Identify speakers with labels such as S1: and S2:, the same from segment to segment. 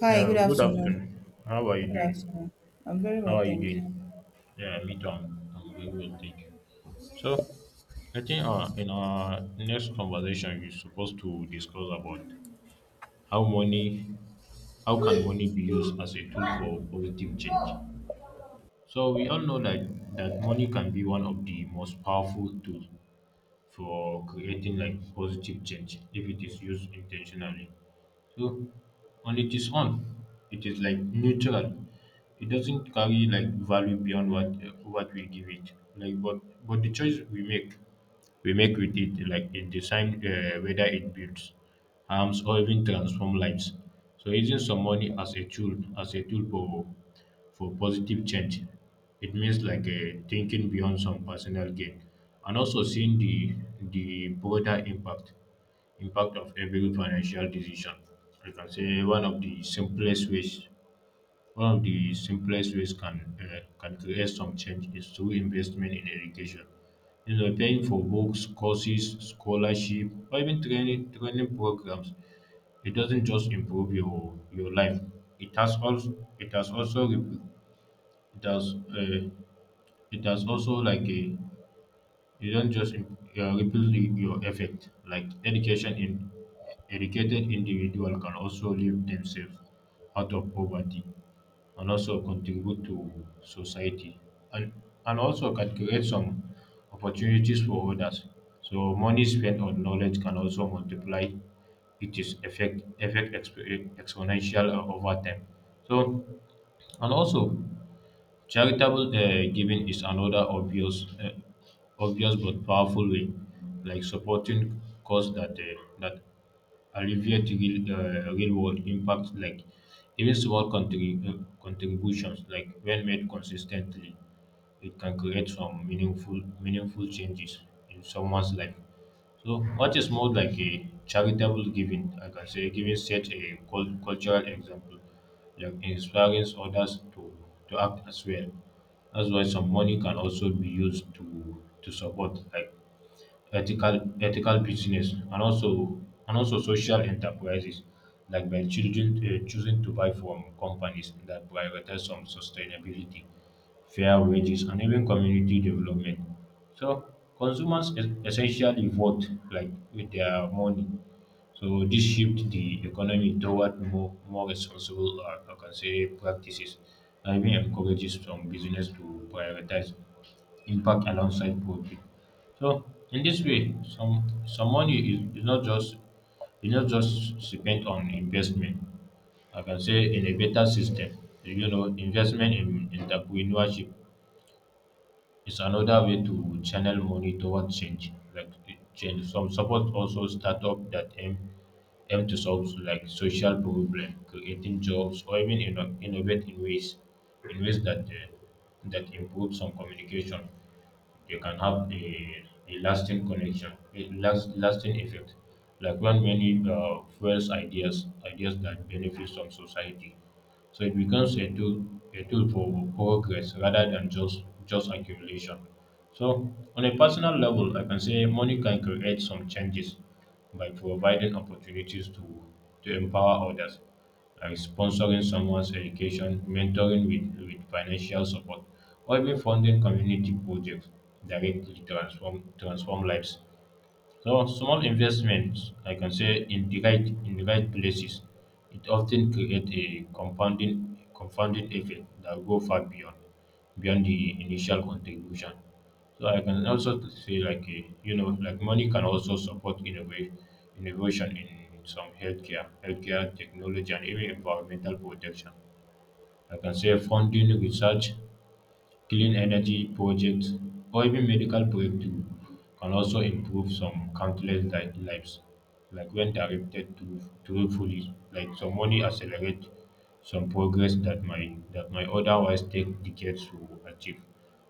S1: Hi, good
S2: Yeah, good
S1: afternoon.
S2: afternoon. How are you
S1: Good
S2: doing?
S1: afternoon. I'm very
S2: How
S1: well,
S2: are you
S1: thank you.
S2: doing? Yeah, me too. I'm very well, thank you. So, I think in our next conversation, we're supposed to discuss about how money, how can
S1: Three,
S2: money be used
S1: two,
S2: as a tool for
S1: one,
S2: positive change.
S1: go.
S2: So we all know that money can be one of the most powerful tools for creating like positive change if it is used intentionally. So on its own, it is like neutral. It doesn't carry like value beyond what we give it. Like but the choice we make with it like it decide whether it builds harms or even transform lives. So using some money as a tool for positive change. It means like thinking beyond some personal gain and also seeing the broader impact of every financial decision. I can say one of the simplest ways can create some change is through investment in education. You know, paying for books, courses, scholarship, or even training programs it doesn't just improve your life it has also it has also re- it has uh, it has also like a you don't just im- ripple your effect like education in educated individual can also lift themselves out of poverty and also contribute to society and also can create some opportunities for others so money spent on knowledge can also multiply it is exponential over time. So and also charitable giving is another obvious but powerful way, like supporting cause that alleviate real world impacts, like even small contributions, like when made consistently, it can create some meaningful changes in someone's life. So what is more like a charitable giving? I can say giving set a cultural example, like inspiring others to act as well. That's why some money can also be used to support like ethical business and also social enterprises like by children choosing to buy from companies that prioritize some sustainability, fair wages, and even community development. So consumers essentially vote like with their money. So this shift the economy toward more responsible or I can say practices and even encourages some business to prioritize impact alongside profit. So in this way, some money is not just spent on investment. I can say in a better system, you know, investment in entrepreneurship it's another way to channel money towards change, Some support also startup that aim to solve like social problem, creating jobs, or even innovate in ways that that improve some communication. They can have a lasting connection, a lasting effect. Like when many fuels ideas that benefit some society so it becomes a tool for progress rather than just accumulation. So on a personal level, I can say money can create some changes by providing opportunities to empower others, like sponsoring someone's education, mentoring with financial support, or even funding community projects directly transform lives. So small investments, I can say in the right places, it often create a compounding effect that go far beyond the initial contribution. So I can also say like you know like money can also support innovation in some healthcare technology and even environmental protection. I can say funding research clean energy projects, or even medical breakthrough can also improve some countless lives, like when directed to truthfully. Like some money accelerate some progress that might otherwise take decades to achieve.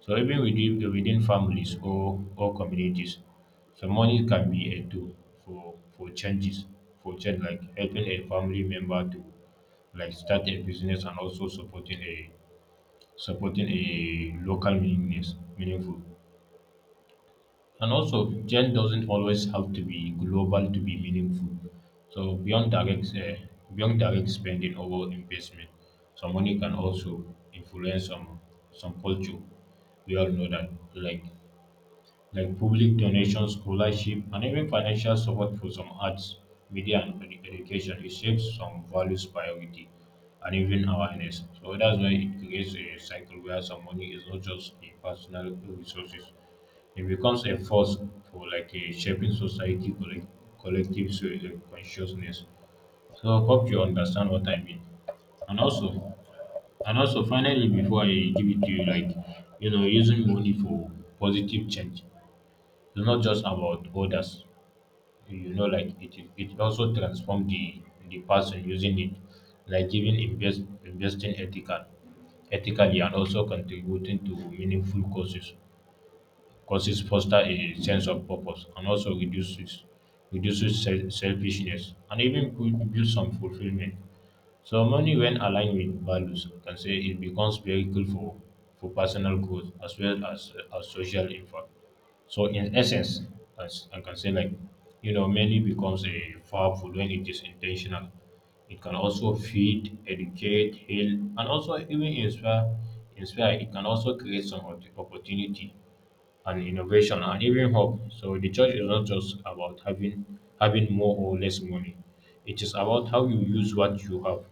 S2: So even within families or communities, some money can be a tool for for changes, for change like helping a family member to like start a business and also supporting a local meaning meaningful. And also, change doesn't always have to be global to be meaningful. So beyond direct spending or investment, some money can also influence some culture. We all know that, like public donations, scholarship, and even financial support for some arts, media, and education. It shapes some values, priority, and even awareness. So that's why it creates a cycle where some money is not just a personal resources; it becomes a force for like a shaping society, collective consciousness. So I hope you understand what I mean. And also, and also, finally, before I give it to you, like you know, using money for positive change it's not just about orders you know like it also transform the person using it like even investing ethically and also contributing to meaningful causes foster a sense of purpose and also reduces selfishness and even build some fulfillment. So money, when aligned with values, we can say it becomes vehicle for personal growth as well as social impact. So in essence, as I can say, like you know, money becomes a powerful when it is intentional. It can also feed, educate, heal, and also even inspire. Inspire. It can also create some opportunity and innovation and even hope. So the church is not just about having more or less money. It is about how you use what you have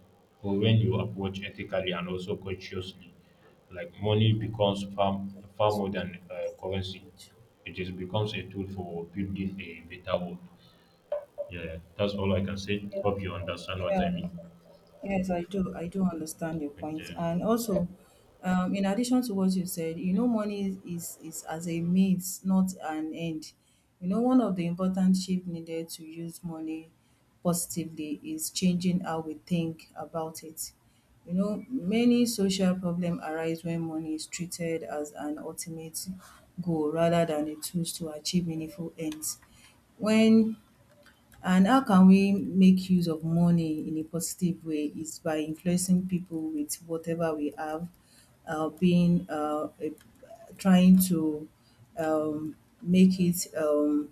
S2: or when you approach ethically and also consciously. Like money
S1: Okay.
S2: becomes far, far more than currency. It is becomes a tool for building a better world. Yeah, yeah, that's all I can say. Hope you understand what
S1: Yeah.
S2: I mean.
S1: Yes, I do. I do understand your point.
S2: Okay.
S1: And also, in addition to what you said, money is as a means, not an end. One of the important shift needed to use money positively is changing how we think about it. Many social problems arise when money is treated as an ultimate goal rather than a tool to achieve meaningful ends. When and how can we make use of money in a positive way? Is by influencing people with whatever we have, being a, trying to um, make it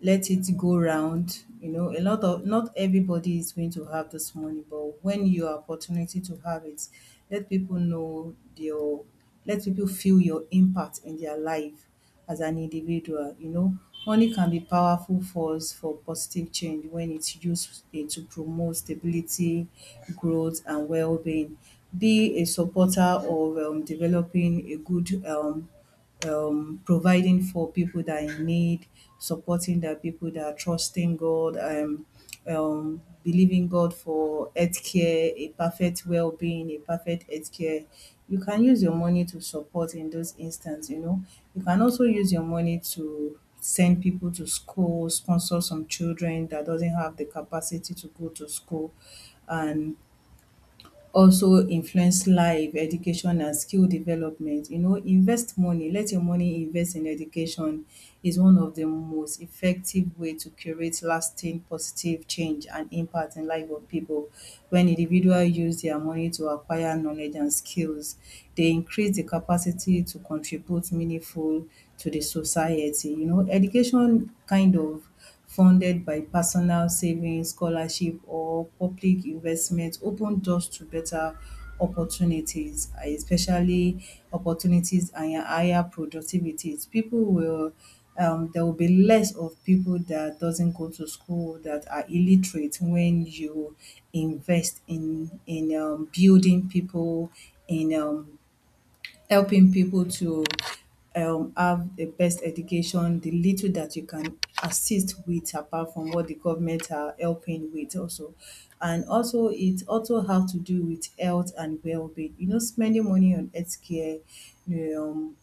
S1: let it go round. A lot of not everybody is going to have this money, but when your opportunity to have it, let people know your let people feel your impact in their life as an individual. Money can be powerful force for positive change when it's used to promote stability, growth, and well-being. Be a supporter of developing a good providing for people that are in need, supporting the people that are trusting God, believing God for healthcare, a perfect well-being, a perfect healthcare. You can use your money to support in those instances, you know. You can also use your money to send people to school, sponsor some children that doesn't have the capacity to go to school, and also influence life, education and skill development. Invest money, let your money invest in education is one of the most effective way to create lasting positive change and impact in life of people. When individual use their money to acquire knowledge and skills, they increase the capacity to contribute meaningful to the society. Education kind of funded by personal savings, scholarship or public investment open doors to better opportunities, and especially opportunities and higher productivities. People will there will be less of people that doesn't go to school that are illiterate when you invest in building people in helping people to have the best education, the little that you can assist with apart from what the government are helping with also. And also it also have to do with health and well-being. Spending money on healthcare, um,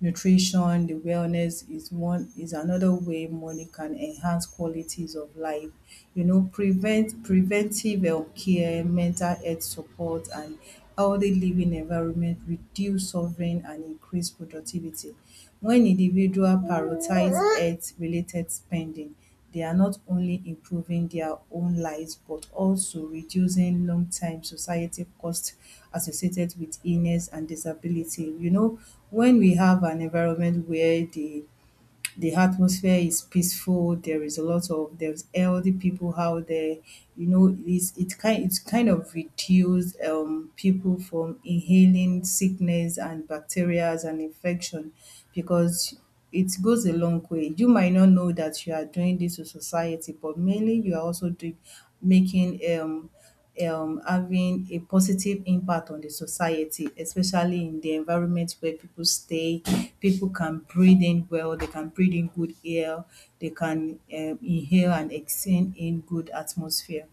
S1: nutrition, the wellness is another way money can enhance qualities of life. Preventive health care, mental health support, and healthy living environment reduce suffering and increase productivity. When individual prioritize health related spending, they are not only improving their own lives but also reducing long-time society costs associated with illness and disability. When we have an environment where the atmosphere is peaceful. There is a lot of there's healthy people out there. It's kind of reduced people from inhaling sickness and bacteria and infection because it goes a long way. You might not know that you are doing this to society, but mainly you are also doing making having a positive impact on the society, especially in the environment where people stay. People can breathe in well, they can breathe in good air, they can inhale and exhale in good atmosphere.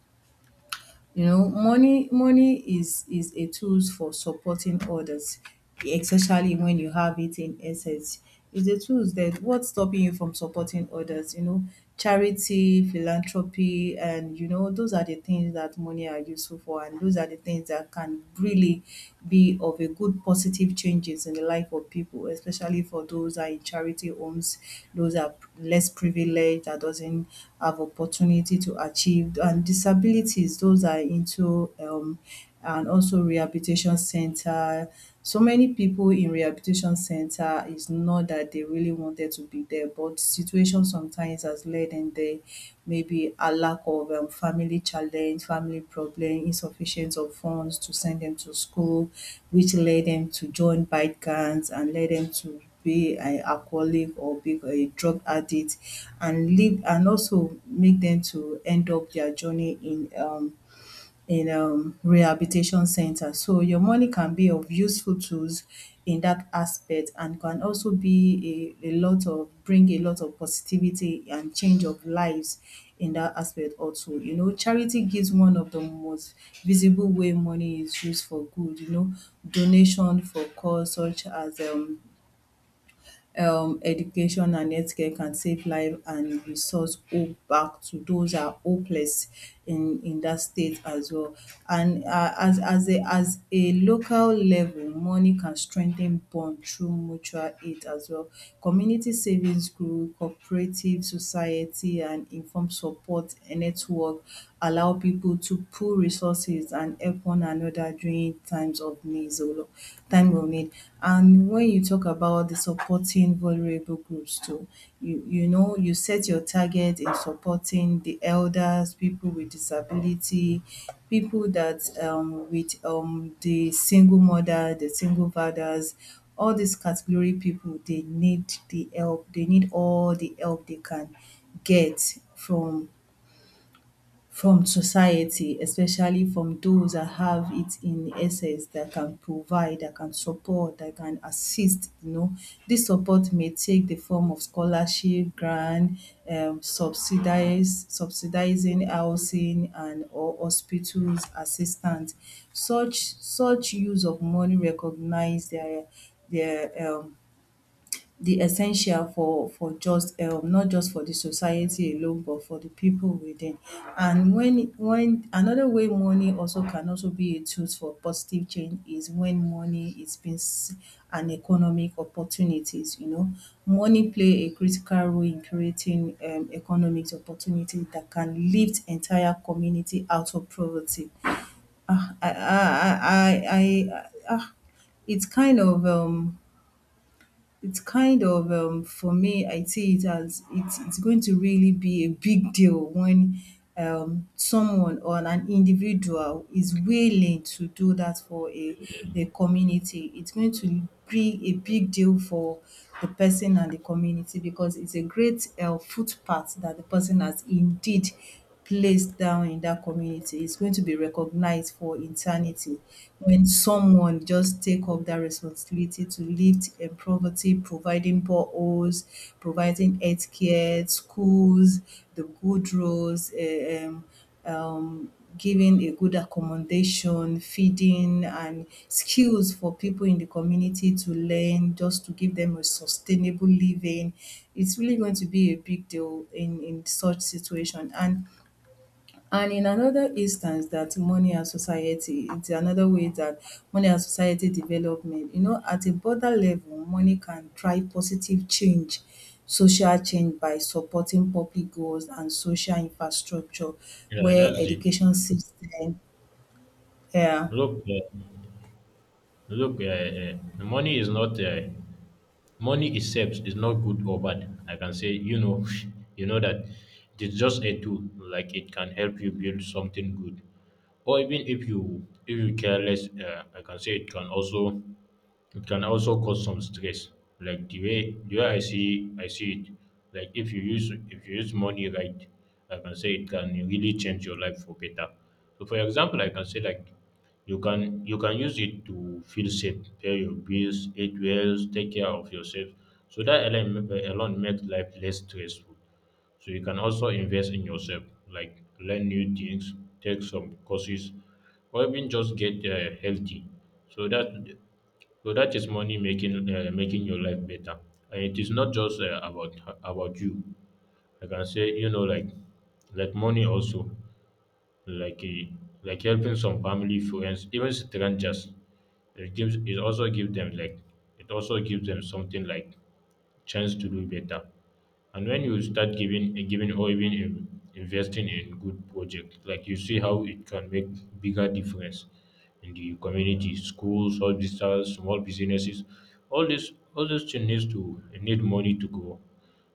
S1: Money is a tools for supporting others, especially when you have it in essence. It's a tools that what's stopping you from supporting others, charity, philanthropy, and those are the things that money are useful for, and those are the things that can really be of a good positive changes in the life of people, especially for those that are in charity homes, those that are less privileged, that doesn't have opportunity to achieve, and disabilities, those are into and also rehabilitation center. So many people in rehabilitation center is not that they really wanted to be there, but situation sometimes has led them there. Maybe a lack of family challenge, family problem, insufficient of funds to send them to school, which led them to join bike gangs and led them to be an alcoholic or be a drug addict and live and also make them to end up their journey in rehabilitation centers. So your money can be of useful tools in that aspect and can also be a lot of bring a lot of positivity and change of lives in that aspect also. Charity gives one of the most visible way money is used for good. Donation for cause such as education and healthcare can save life and restores hope back to those who are hopeless in that state as well. And as a local level, money can strengthen bond through mutual aid as well. Community savings group, cooperative society, and informed support network allow people to pool resources and help one another during times of needs, time of need. And when you talk about the supporting vulnerable groups too, you know you set your target in supporting the elders, people with disability, people that with the single mother, the single fathers, all these category people they need the help, they need all the help they can get from society, especially from those that have it in excess, that can provide, that can support, that can assist, you know. This support may take the form of scholarship, grant, subsidise subsidising housing and or hospitals assistance. Such use of money recognise their the essential for just not just for the society alone but for the people within. And when another way money also can also be a tool for positive change is when money an economic opportunities. Money play a critical role in creating economic opportunity that can lift entire community out of poverty. ah, I, I, I, I, I, ah, it's kind of um it's kind of for me, I see it as it's going to really be a big deal when someone or an individual is willing to do that for a community. It's going to be a big deal for the person and the community because it's a great footpath that the person has indeed place down in that community is going to be recognized for eternity when someone just take up that responsibility to lift poverty, providing boreholes, providing healthcare, schools, the good roads, giving a good accommodation, feeding, and skills for people in the community to learn, just to give them a sustainable living. It's really going to be a big deal in such situation. And in another instance that money and society it is another way that money and society development. At a broader level money can drive positive change, social change by supporting public goals and social infrastructure
S2: Yeah,
S1: where
S2: that's it.
S1: education system, yeah.
S2: Look, uh, look, money itself is not good or bad. I can say, you know, you know that it's just a tool. Like it can help you build something good, or even if you careless, I can say it can also cause some stress, like the way I see it. Like if you use money right, I can say it can really change your life for better. So for example I can say like you can use it to feel safe, pay your bills, eat well, take care of yourself. So that alone makes life less stressful. So you can also invest in yourself, like learn new things, take some courses, or even just get healthy. So that is money making making your life better, and it is not just about about you. I can say you know like money also like uh, like helping some family friends even strangers. It gives it also gives them something like chance to do better. And when you start giving or even investing in good project, like you see how it can make bigger difference in the community, schools, hospitals, small businesses. All this thing need money to grow.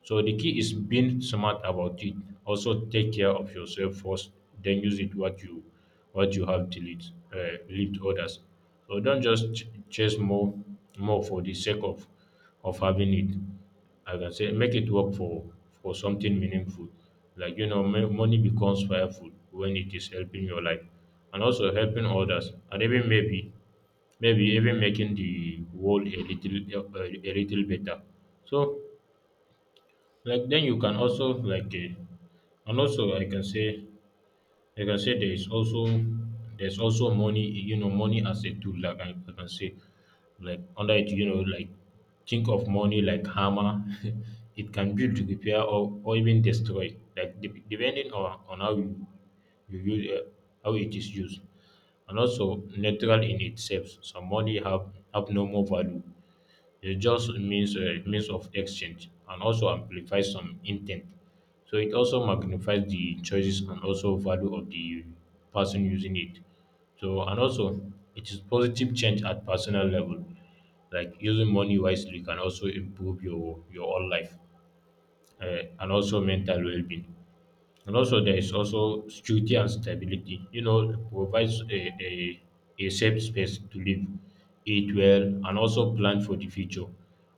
S2: So the key is being smart about it. Also take care of yourself first, then use it what you have till it lead to others. So don't just chase more for the sake of having it. I can say make it work for something meaningful. Like you know, money becomes powerful when it is helping your life, and also helping others, and even maybe even making the world a little better. So like then you can also like and also I can say there is also there's also money. You know money as a tool like I can say like under it you know like think of money like hammer. It can build, repair, or even destroy like depending on how you use how it is used. And also neutral in itself, some money have no more value. It just means means of exchange and also amplifies some intent. So it also magnifies the choices and also value of the person using it. So and also it is positive change at personal level. Like using money wisely can also improve your own life, and also mental well being. And also, there is also security and stability. You know, it provides a safe space to live, eat well, and also plan for the future,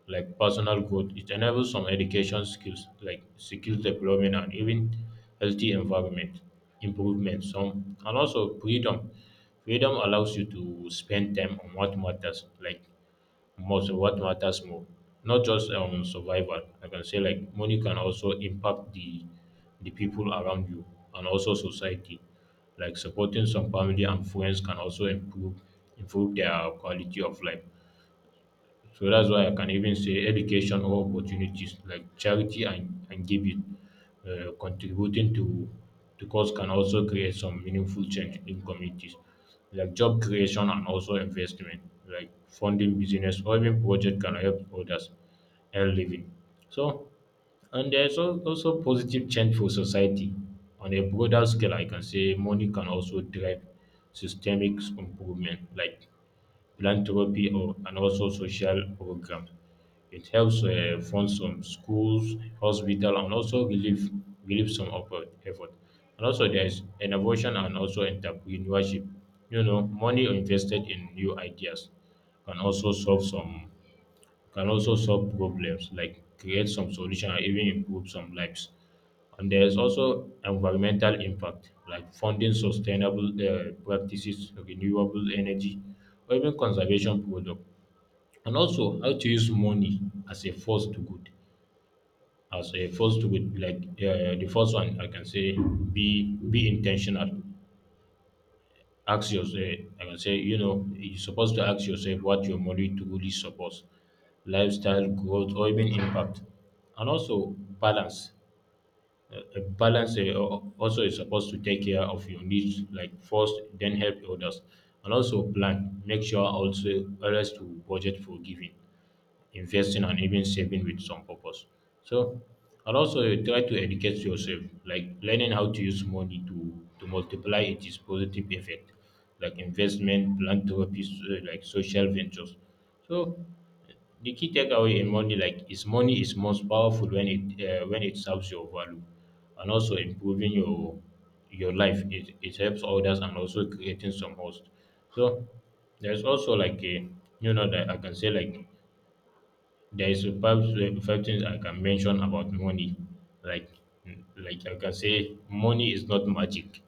S2: like personal growth. It enables some education skills, like skill development, and even healthy environment improvement. Some and also freedom. Freedom allows you to spend time on what matters, like most what matters more, not just survival, I can say. Like money can also impact the people around you and also society, like supporting some family and friends can also improve their quality of life. So that's why I can even say education or opportunities, like charity and giving, contributing to cause, can also create some meaningful change in communities, like job creation and also investment, like funding business or even project can help others earn living. So and also positive change for society. On a broader scale, I can say money can also drive systemic improvement, like philanthropy, or and also social programs. It helps fund some schools, hospital, and also relieve some of effort. And also there is innovation and also entrepreneurship. You know, money invested in new ideas can also solve some can also solve problems, like create some solution and even improve some lives. And there's also environmental impact, like funding sustainable practices, renewable energy, or even conservation products. And also how to use money as a force to good. As a force to good, like the first one, I can say be intentional. Ask yourself, I can say, you know, you're supposed to ask yourself what your money truly supports: lifestyle, growth, or even impact. And also balance. A balance, also is supposed to take care of your needs, like first, then help others. And also plan, make sure also always to budget for giving, investing, and even saving with some purpose. So and also you try to educate yourself, like learning how to use money to multiply its positive effect, like investment, philanthropy, like social ventures. So the key takeaway in money, like, is money is most powerful when it serves your value, and also improving your life. It, helps others and also creating some host. So there's also like a, you know, that I can say, like, there is perhaps a few things I can mention about money. Like like I can say money is not magic.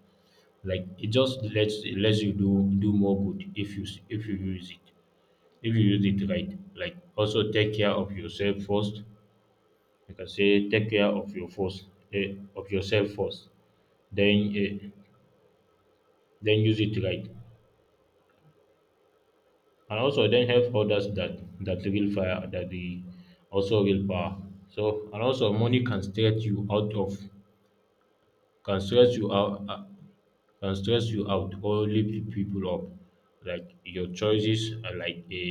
S2: Like it just lets it lets you do more good if you if you use it, if you use it right. Like also take care of yourself first. I can say take care of your first, of yourself first. Then eh, then use it right. And also then help others, that real fire, that the, also real power. So and also money can straight you out of can stress you out, can stress you out or lift people up, like your choices, like a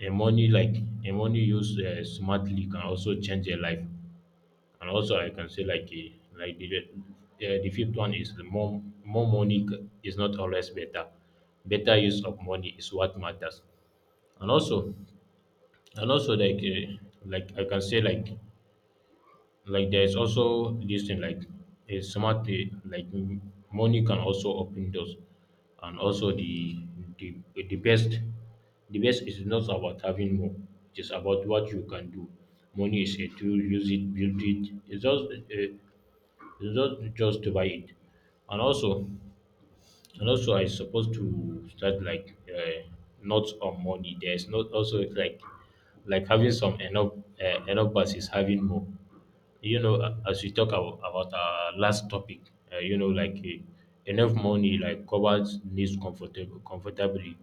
S2: a money, like a money used smartly can also change a life. And also I can say like a, like the fifth one is the more money is not always better. Better use of money is what matters. And also, and also, like, like I can say like there's also this thing like a smart pay, like, money can also open doors. And also the, the best, the best is not about having more. It is about what you can do. Money is a tool. Use it, build it. It's just, it's not just to buy it. And also, and also, I supposed to start like, not on money. There's not also like having some enough, enough versus having more. You know, as we talk about our last topic, you know, like, enough money like covers needs comfortable comfortably,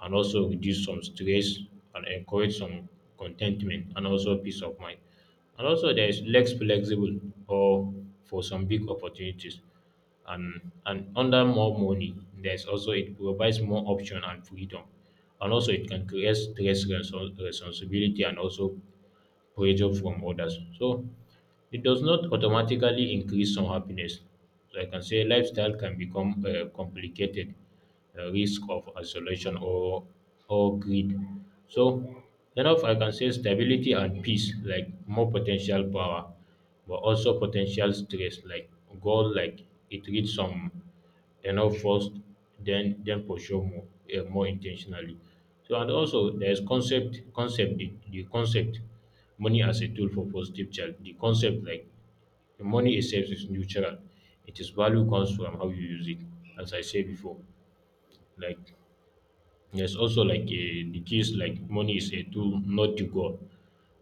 S2: and also reduce some stress and encourage some contentment and also peace of mind. And also, there is less flexible, or, for some big opportunities. And under more money, there's also it provides more option and freedom, and also it can create stress, responsibility, and also pressure from others. So it does not automatically increase some happiness. So I can say lifestyle can become complicated, the risk of isolation or greed. So enough, I can say, stability and peace, like more potential power, but also potential stress. Like goal, like it reads some enough first, then pursue more, more intentionally. So and also there's concept, the concept money as a tool for positive change. The concept, like, the money itself is neutral. It is value comes from how you use it, as I said before. Like there's also like a, the case, like money is a tool, not the goal.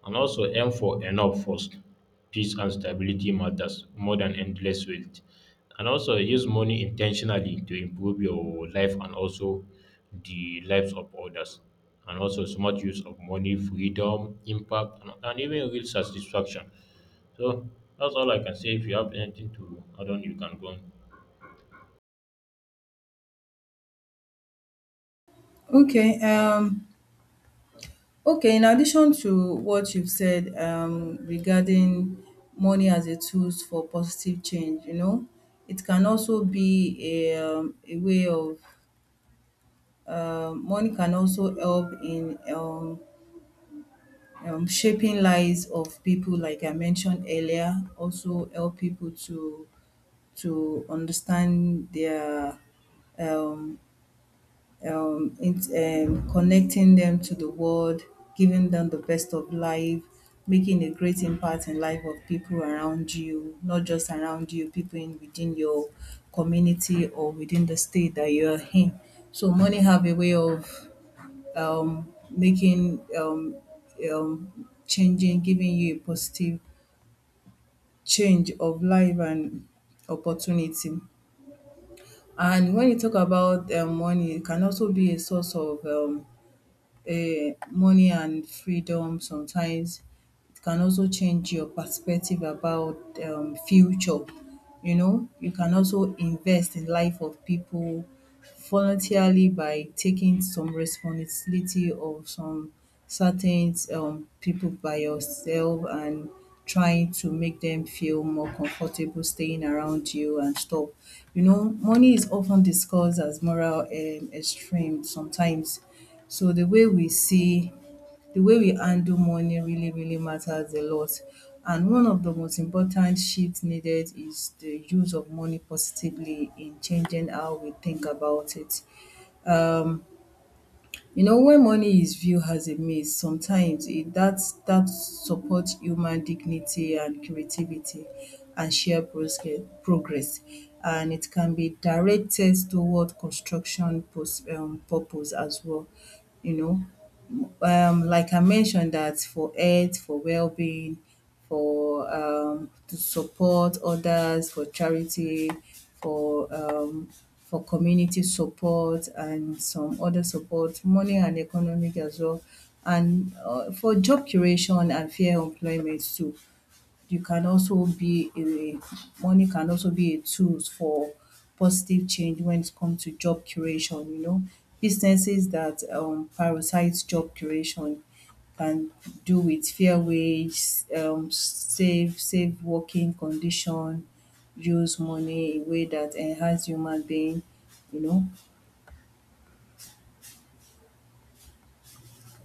S2: And also aim for enough first. Peace and stability matters more than endless wealth. And also use money intentionally to improve your life, and also the lives of others. And also smart use of money, freedom, impact, and even real satisfaction. So that's all I can say. If you have anything to add on, you can go on.
S1: Okay um okay, in addition to what you've said regarding money as a tools for positive change, you know, it can also be a way of. Money can also help in shaping lives of people, like I mentioned earlier, also help people to understand their um, connecting them to the world, giving them the best of life, making a great impact in life of people around you, not just around you, people in within your community or within the state that you are in. So money have a way of making um, changing, giving you a positive change of life and opportunity. And when you talk about money, it can also be a source of money and freedom sometimes. It can also change your perspective about future. You can also invest in life of people voluntarily by taking some responsibility of some certain people by yourself and trying to make them feel more comfortable staying around you and stuff. Money is often discussed as moral extreme sometimes, so the way we handle money really, really matters a lot. And one of the most important shifts needed is the use of money positively in changing how we think about it. Um, when money is viewed as a means, sometimes it that that supports human dignity and creativity and share progress. And it can be directed toward construction purpose as well. you know like I mentioned that for health, for well-being, for to support others, for charity, for um for community support and some other support, money and economic as well, and for job creation and fair employment too. You can also be a Money can also be a tools for positive change when it comes to job creation, you know. Businesses that prioritize job creation can do with fair wage, safe working condition, use money in a way that enhance human being, you know.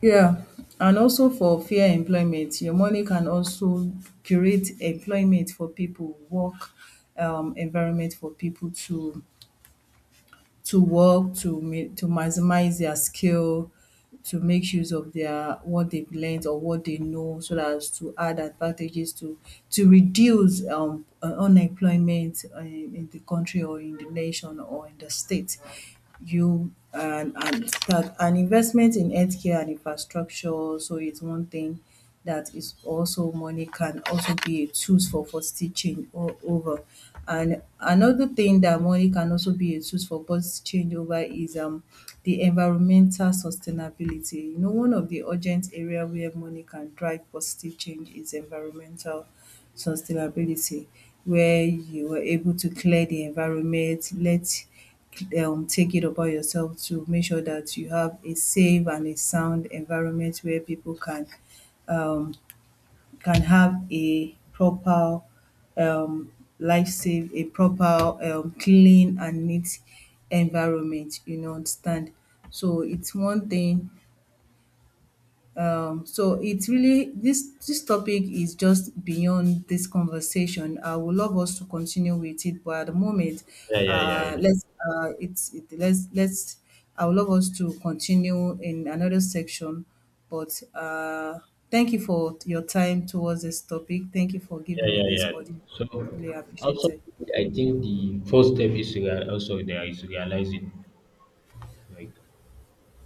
S1: Yeah, and also for fair employment, your money can also create employment for people, work environment for people to work to maximize their skill to make use of their what they've learned or what they know so that as to add advantages to reduce unemployment in the country or in the nation or in the state. You and and that an investment in healthcare and infrastructure, so it's one thing that is also money can also be a tools for stitching all over. And another thing that money can also be a tools for bus changeover is the environmental sustainability. One of the urgent area where money can drive positive change is environmental sustainability, where you were able to clear the environment, let take it upon yourself to make sure that you have a safe and a sound environment where people um, can have a proper um, life safe, a proper clean and neat environment, you know, understand. So it's one thing. So it's really this topic is just beyond this conversation. I would love us to continue with it, but at the moment,
S2: Yeah, yeah, yeah, yeah.
S1: let's it's it, let's I would love us to continue in another section. But thank you for your time towards this topic. Thank you for giving
S2: Yeah,
S1: me
S2: yeah,
S1: this
S2: yeah.
S1: audience.
S2: So
S1: Really appreciate
S2: also,
S1: it.
S2: I think the first step is to also there is realizing, like